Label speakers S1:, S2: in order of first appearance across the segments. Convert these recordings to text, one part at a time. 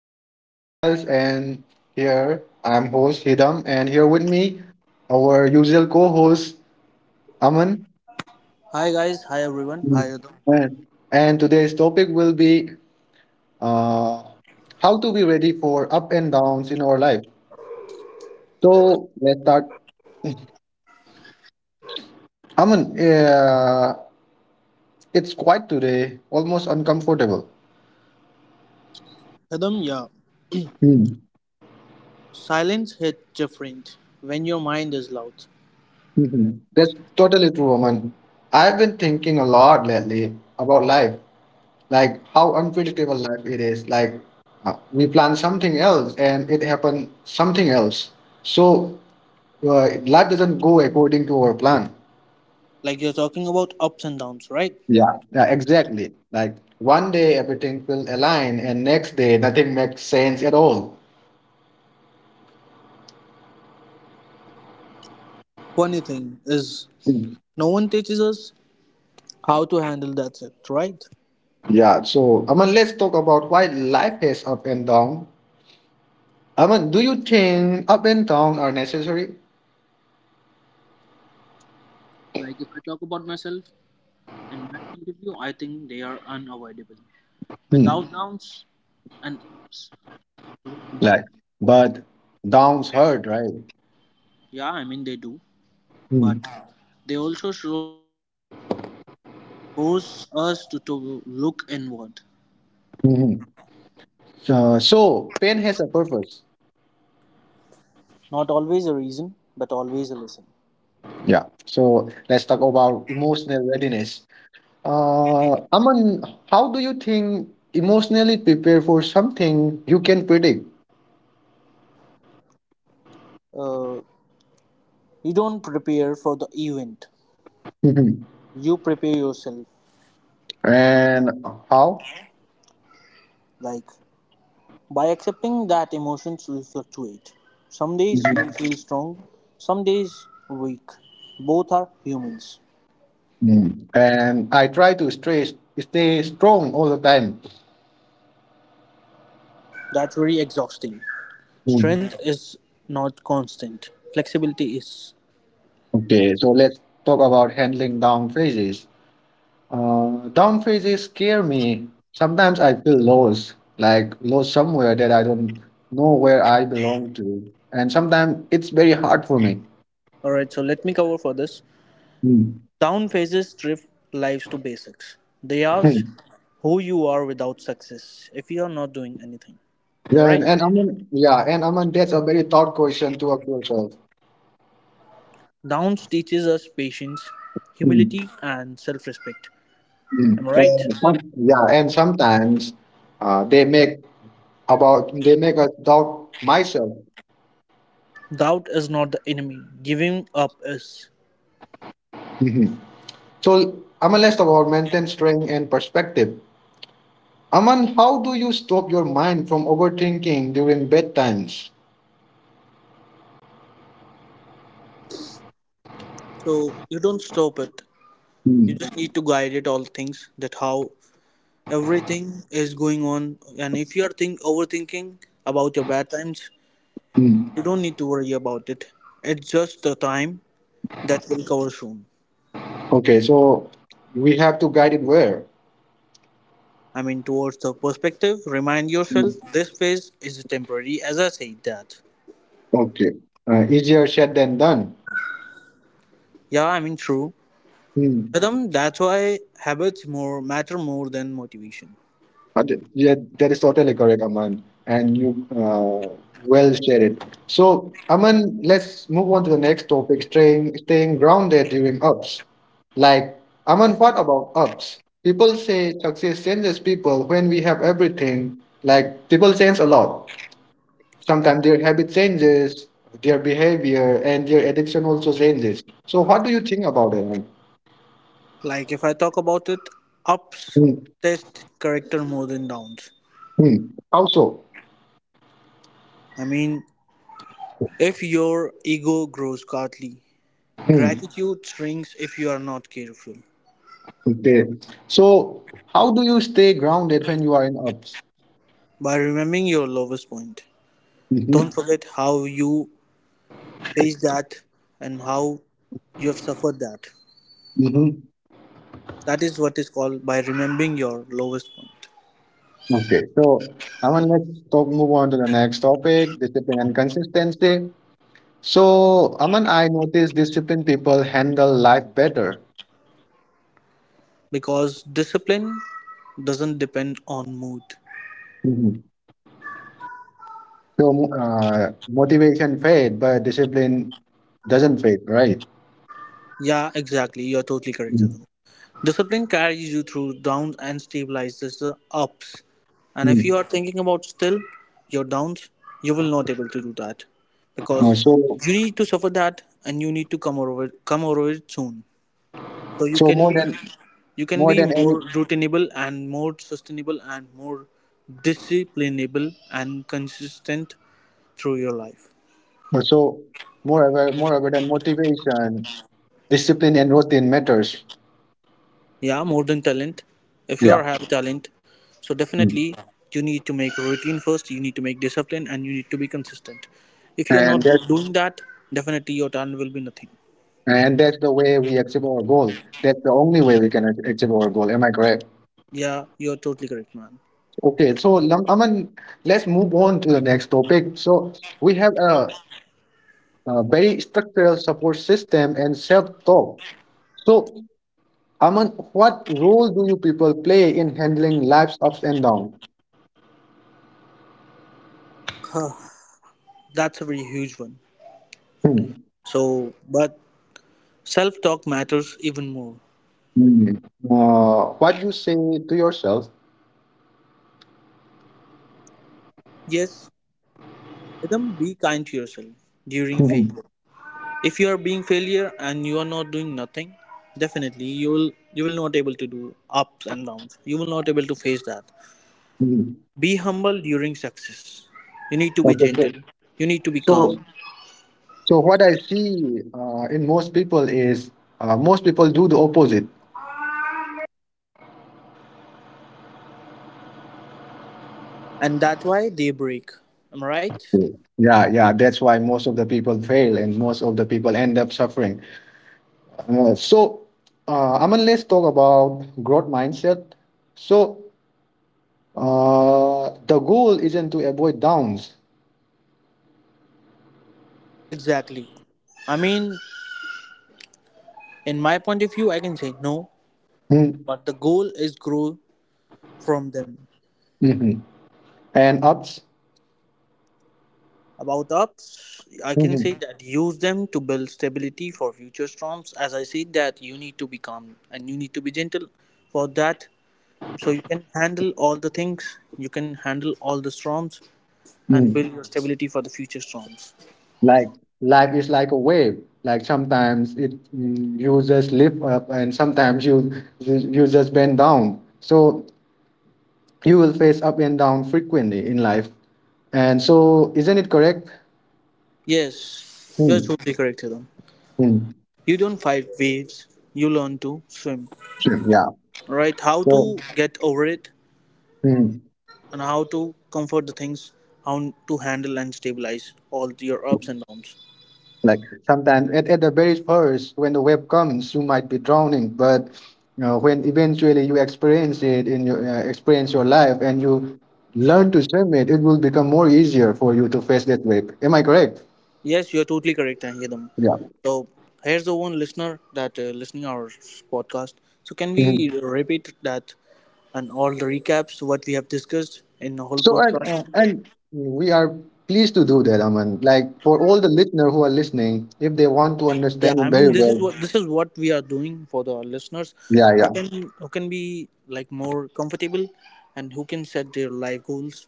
S1: To our podcast. And here I'm host Hidam, and here with me our usual co-host Aman.
S2: Hi guys, hi everyone, hi
S1: Mm.
S2: Adam.
S1: And, and today's topic will be uh, how to be ready for up and downs in our life. So let's start. Aman, it's quiet today, almost uncomfortable.
S2: Adam, yeah,
S1: Mm.
S2: silence hits different when your mind is loud.
S1: Mhm. That's totally true, Aman. I've been thinking a lot lately about life, like how unpredictable life it is, like we plan something else and it happened something else. So life doesn't go according to our plan.
S2: Like you're talking about ups and downs, right?
S1: Yeah, yeah, exactly, like one day everything will align and next day nothing makes sense at all.
S2: Funny thing is,
S1: Mm.
S2: no one teaches us how to handle that, it, right?
S1: Yeah, so Aman, let's talk about why life has up and down. Aman, do you think up and down are necessary?
S2: Like if I talk about myself and my point of view, I think they are unavoidable.
S1: Hmm.
S2: Without downs and ups, lose
S1: Like,
S2: meaning.
S1: but downs hurt, right?
S2: Yeah, I mean they do,
S1: Hmm.
S2: but they also slow us down, force us to look inward.
S1: Mhm. So pain has a purpose.
S2: Not always a reason, but always a lesson.
S1: Yeah. So let's talk about emotional readiness. Aman, how do you think emotionally prepare for something you can predict?
S2: uh, you don't prepare for the event,
S1: Mhm.
S2: you prepare yourself.
S1: And how?
S2: Like by accepting that emotions will fluctuate, some days you'll
S1: Mhm.
S2: feel strong, some days weak, both are humans.
S1: Mm. And I try to stay strong all the time.
S2: That's very exhausting.
S1: Mm.
S2: Strength is not constant, flexibility is.
S1: Okay. So let's talk about handling down phases. Down phases scare me. Sometimes I feel lost, like lost somewhere that I don't know where I belong to. And sometimes it's very hard for me.
S2: All right, so let me cover for this.
S1: Hmm.
S2: Down phases strip lives to basics. They
S1: Hmm.
S2: ask who you are without success if you are not doing anything. Am I
S1: Yeah, and,
S2: right?
S1: and Aman, yeah, and Aman, that's a very tough question to ask yourself.
S2: Downs teaches us patience,
S1: Hmm.
S2: humility, and self respect.
S1: Hmm.
S2: Am I right?
S1: And yeah, and sometimes they make about they make us doubt myself.
S2: Doubt is not the enemy, giving up is.
S1: Mhm. So Aman, let's talk about maintain strength and perspective. Aman, how do you stop your mind from overthinking during bedtimes?
S2: So you don't stop it. You
S1: Mm,
S2: just need to guide it, all things, that how everything is going on. And if you are think overthinking about your bad times,
S1: mm,
S2: you don't need to worry about it. It's just the time that will cover soon.
S1: okay, so we have to guide it where?
S2: I mean, towards the perspective, remind yourself
S1: Mm.
S2: this phase is temporary, as I said that.
S1: Okay. Easier said than done.
S2: Yeah, I mean, true.
S1: Mm.
S2: Adam, that's why habits more matter more than motivation.
S1: Yeah, that is totally correct, Aman. And you well said it. So, Aman, let's move on to the next topic, staying grounded during ups. Like, Aman, what about ups? People say success changes people when we have everything. Like, people change a lot. Sometimes their habit changes, their behavior and their addiction also changes, so what do you think about it?
S2: Like if I talk about it, ups
S1: Hmm.
S2: test character more than downs.
S1: Hmm. How so?
S2: I mean, if your ego grows godly,
S1: Hmm.
S2: gratitude shrinks if you are not careful.
S1: Okay, so how do you stay grounded when you are in ups?
S2: By remembering your lowest point, don't
S1: Hmm.
S2: forget how you faced that and how you have suffered that.
S1: Hmm.
S2: That is what is called by remembering your lowest point.
S1: Okay, so Aman, let's talk, move on to the next topic, discipline and consistency. So Aman, I notice disciplined people handle life better.
S2: Because discipline doesn't depend on mood.
S1: Mhm. So motivation fade but discipline doesn't fade, right?
S2: Yeah, exactly. You're totally correct,
S1: Mm,
S2: Sidhu. Discipline carries you through downs and stabilizes the ups. And if
S1: mm.
S2: you are thinking about still your downs, you will not able to do that,
S1: Uh,
S2: because
S1: so
S2: you need to suffer that and you need to come over it soon. So you
S1: so
S2: can
S1: more
S2: be,
S1: than
S2: you can
S1: more
S2: be
S1: than any
S2: more routinable and more sustainable and more disciplinable and consistent through your life.
S1: uh, so more ever, more ever than motivation, discipline and routine matters.
S2: Yeah, more than talent. If you
S1: Yeah.
S2: are have talent, so
S1: Mm.
S2: definitely you need to make routine first. You need to make discipline, and you need to be consistent. If you're not
S1: And that
S2: doing that, definitely your talent will be nothing.
S1: and that's the way we achieve our goal. That's the only way we can achieve our goal. Am I correct?
S2: Yeah, you're totally correct, man.
S1: Okay. So Aman, let's move on to the next topic. So we have a very structural support system and self-talk. So Aman, what role do you people play in handling life's ups and downs?
S2: Huh, that's a very huge one. So, but self talk matters even more.
S1: Mm. What you say to yourself?
S2: Yes, Adam, be kind to yourself during
S1: Mhm,
S2: failure. If you are being failure and you are not doing nothing, definitely you will not able to do ups and downs. You will not able to face that.
S1: mhm.
S2: Be humble during success. You need to be
S1: Okay, so
S2: gentle. You need to be
S1: so
S2: calm.
S1: so what I see in most people is most people do the opposite.
S2: And that's why they break. Am I right?
S1: Mm. Yeah, yeah, that's why most of the people fail and most of the people end up suffering. So, Aman, let's talk about growth mindset. So, the goal isn't to avoid downs.
S2: Exactly. I mean, in my point of view, I can say no,
S1: Mm,
S2: but the goal is grow from them.
S1: mhm, and ups.
S2: About ups, I can say
S1: Mhm,
S2: that use them to build stability for future storms. As I said, that you need to be calm and you need to be gentle for that, so you can handle all the things, you can handle all the storms, and
S1: mhm.
S2: build your stability for the future storms.
S1: Like, life is like a wave, like sometimes it, mm, you just lift up and sometimes you, you, you just bend down, so you will face up and down frequently in life, and so isn't it correct?
S2: Yes, you're
S1: Hmm,
S2: totally correct, Adam.
S1: hmm,
S2: You don't fight waves, you learn to swim.
S1: sure, yeah,
S2: Right? How
S1: so
S2: to get over it
S1: hmm.
S2: and how to comfort the things, how to handle and stabilize all your ups and downs.
S1: Like sometimes at the very first, when the wave comes, you might be drowning, but you know, when eventually you experience it in your experience your life and you learn to swim it, it will become more easier for you to face that wave. Am I correct?
S2: Yes, you're totally correct, Adam.
S1: Yeah.
S2: So here's the one listener that listening our podcast. So can we
S1: Mhm.
S2: repeat that and all the recaps what we have discussed in the whole
S1: So and uh,
S2: podcast?
S1: and we are pleased to do that, Aman. Like for all the listener who are listening, if they want to
S2: Yeah,
S1: understand it
S2: I mean,
S1: very well,
S2: this is what we are doing for the listeners
S1: yeah,
S2: who
S1: yeah,
S2: can, who can be like more comfortable and who can set their life goals.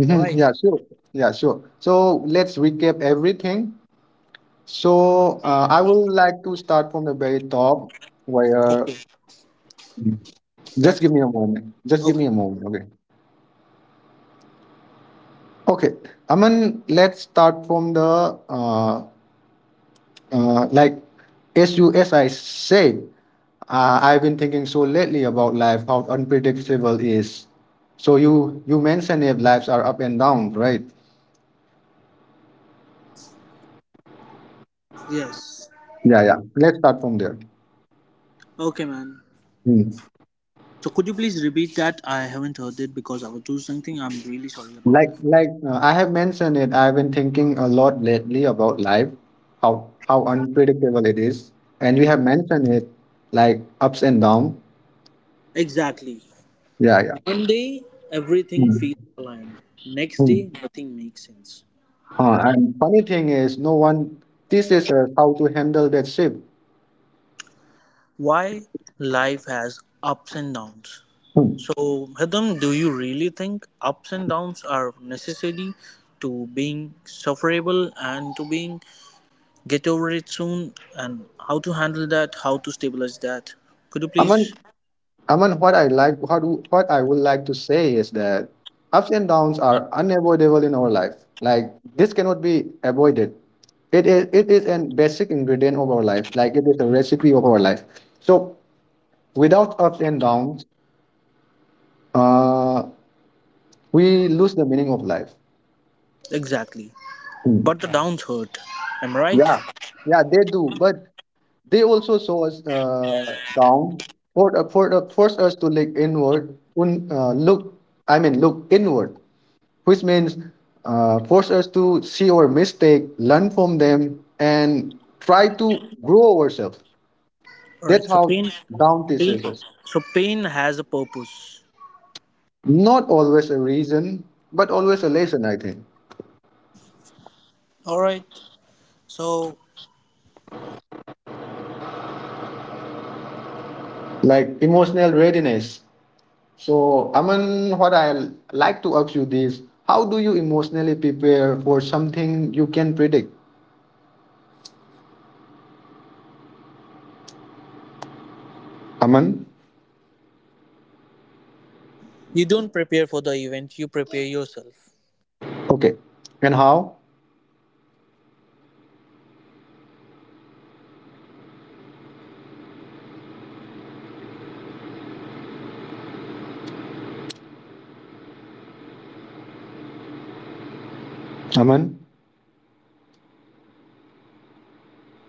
S2: Am I right?
S1: yeah, sure, yeah, sure. So let's recap everything. So I would like to start from the very top where
S2: Okay,
S1: just
S2: that's
S1: give
S2: what-
S1: me a moment. Just give
S2: okay.
S1: me a moment. Okay. Okay. I mean, let's start from the like as I said, I've been thinking so lately about life, how unpredictable it is. So you mentioned if lives are up and down, right?
S2: Yes,
S1: Yeah, yeah. Let's start from there.
S2: okay, man.
S1: Hmm.
S2: So could you please repeat that? I haven't heard it because I was doing something. I'm really sorry about
S1: Like I have mentioned it, I've been thinking a lot lately about life, how unpredictable it is, and you have mentioned it, like ups and downs.
S2: that. Exactly,
S1: Yeah, yeah.
S2: one day everything feels
S1: Hmm.
S2: aligned, next
S1: Hmm.
S2: day nothing makes sense.
S1: And funny thing is, no one teaches us how to handle that shift.
S2: Why life has ups and downs.
S1: Hmm.
S2: So, Bhadam, do you really think ups and downs are necessary to being sufferable and to being get over it soon? And how to handle that? How to stabilize that? Could you please?
S1: Aman, Aman, what I would like to say is that ups and downs are unavoidable in our life. Like this cannot be avoided. It is a basic ingredient of our life. Like it is a recipe of our life. So without ups and downs, uh, we lose the meaning of life.
S2: Exactly.
S1: Hmm.
S2: But the downs hurt. Am I right?
S1: Yeah, yeah, they do. But they also show us down, force us to look inward. I mean, look inward, which means force us to see our mistake, learn from them, and try to grow ourselves.
S2: All
S1: That's
S2: right. So
S1: how
S2: pain,
S1: down
S2: pain.
S1: teaches us.
S2: So pain has a purpose.
S1: Not always a reason, but always a lesson, I think.
S2: All right. So
S1: Like emotional readiness. So, Aman, what I like to ask you this: how do you emotionally prepare for something you can predict? Aman,
S2: you don't prepare for the event. You prepare yourself.
S1: okay, and how? Aman,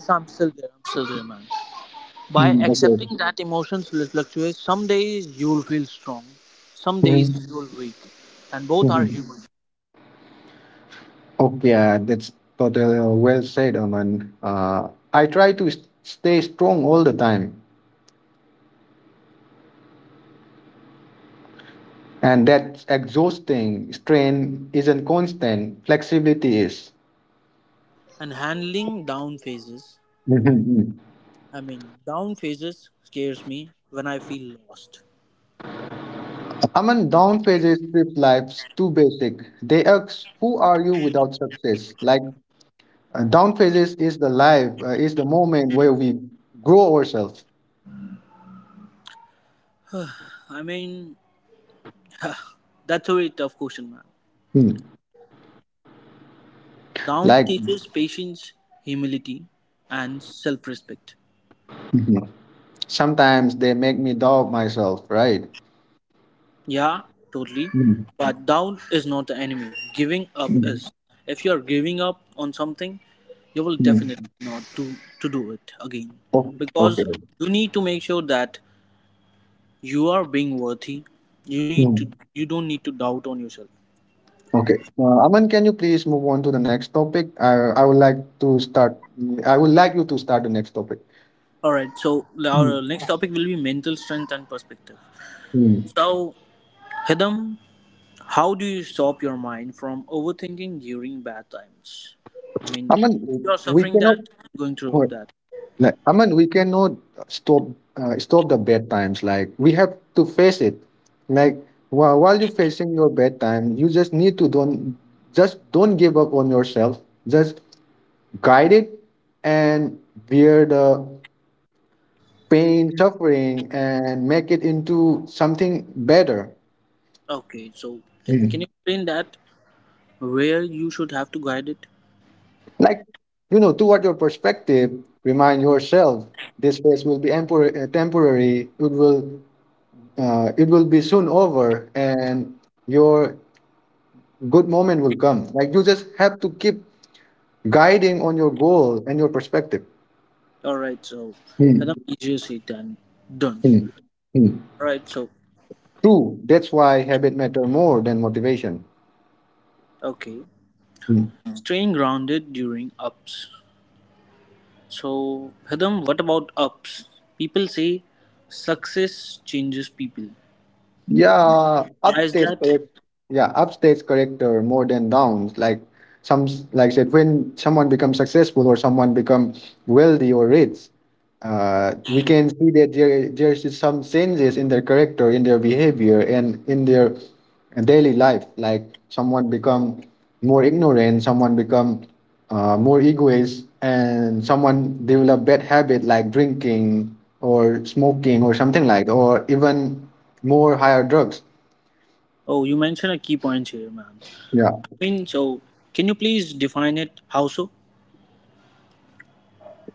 S2: So I'm still there. I'm still there, man. By
S1: mm, okay.
S2: accepting that emotions will fluctuate, some days you'll feel strong, some days
S1: Mhm.
S2: you'll weak, and both are
S1: Mhm.
S2: human.
S1: Okay, yeah, that's totally well said, Aman. I try to stay strong all the time, and that's exhausting. Strain isn't constant, flexibility is.
S2: And handling down phases,
S1: Mhm.
S2: I mean, down phases scares me when I feel lost.
S1: Aman, down phases strip life's too basic. They ask, who are you without success? Like, down phases is the life, is the moment where we grow ourselves.
S2: I mean, that's a very tough question, man.
S1: Hmm.
S2: Down
S1: Like,
S2: teaches patience, humility, and self-respect.
S1: mhm. Sometimes they make me doubt myself, right?
S2: Yeah, totally.
S1: Mm,
S2: But doubt is not the enemy. Giving up
S1: mm,
S2: is. If you are giving up on something, you will
S1: mm.
S2: definitely not do, to do it again.
S1: Oh,
S2: Because
S1: okay.
S2: you need to make sure that you are being worthy.
S1: Hmm.
S2: You don't need to doubt on yourself.
S1: Okay. Aman, can you please move on to the next topic? I would like to start. I would like you to start the next topic.
S2: Alright, so
S1: Hmm.
S2: our next topic will be mental strength and perspective.
S1: Hmm.
S2: So Hidam, how do you stop your mind from overthinking during bad times? I mean, if
S1: Aman,
S2: you are
S1: we
S2: suffering
S1: cannot.
S2: that, going through
S1: Wait,
S2: that.
S1: like, Aman, we cannot stop stop the bad times. Like we have to face it. Like while you're facing your bad time, you just need to don't just don't give up on yourself. Just guide it and bear the pain, suffering, and make it into something better.
S2: Okay, so can
S1: Mhm.
S2: you explain that, where you should have to guide it?
S1: Like, you know, toward your perspective, remind yourself this phase will be temporary. It will be soon over, and your good moment will come. Like you just have to keep guiding on your goal and your perspective.
S2: All right, so that's
S1: Mm,
S2: easier said than done.
S1: mm, mm.
S2: All right, so
S1: True. That's why habit matter more than motivation.
S2: okay,
S1: Mm-hmm.
S2: staying grounded during ups. So Hadam, what about ups? People say success changes people.
S1: Yeah,
S2: Why is
S1: upstage
S2: that?
S1: correct. Yeah, upstage corrector more than downs. Like some, like I said, when someone becomes successful or someone become wealthy or rich, we can see that there is some changes in their character, in their behavior, and in their daily life. Like someone become more ignorant, someone become more egoist, and someone develop bad habit like drinking or smoking or something like, or even more higher drugs.
S2: Oh, you mentioned a key point here, man.
S1: Yeah.
S2: I mean, so can you please define it? How so?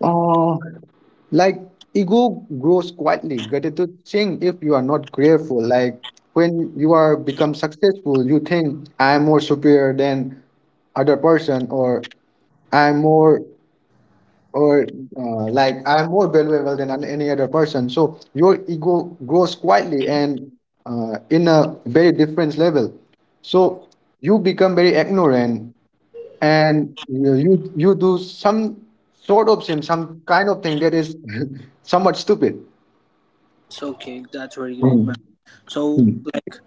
S1: Oh, like ego grows quietly. Gratitude sing if you are not grateful. Like when you are become successful, you think I am more superior than other person or I'm more or like I'm more valuable than any other person. So your ego grows quietly and in a very different level. So you become very ignorant and you do some sort of sin, some kind of thing that is somewhat stupid.
S2: It's okay. That's very great,
S1: Mm,
S2: man. So,
S1: mm,
S2: like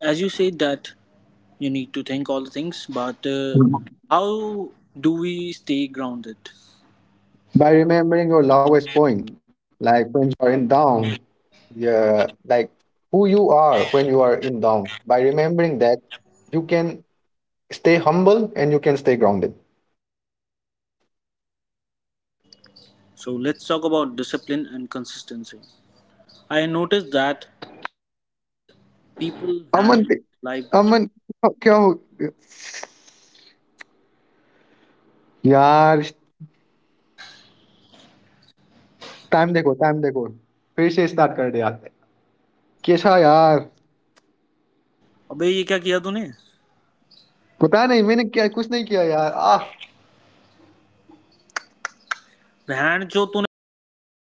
S2: as you said that you need to think all the things, but
S1: mm.
S2: how do we stay grounded?
S1: By remembering your loved
S2: So let's talk about discipline and consistency. I noticed that disciplined people handle life better.
S1: अमन क्या हो यार time देखो फिर से start कर दिया कैसा यार
S2: अबे ये क्या किया तूने?
S1: पता नहीं मैंने क्या कुछ नहीं किया यार आह
S2: बहन जो तूने पूरा एक पॉडकास्ट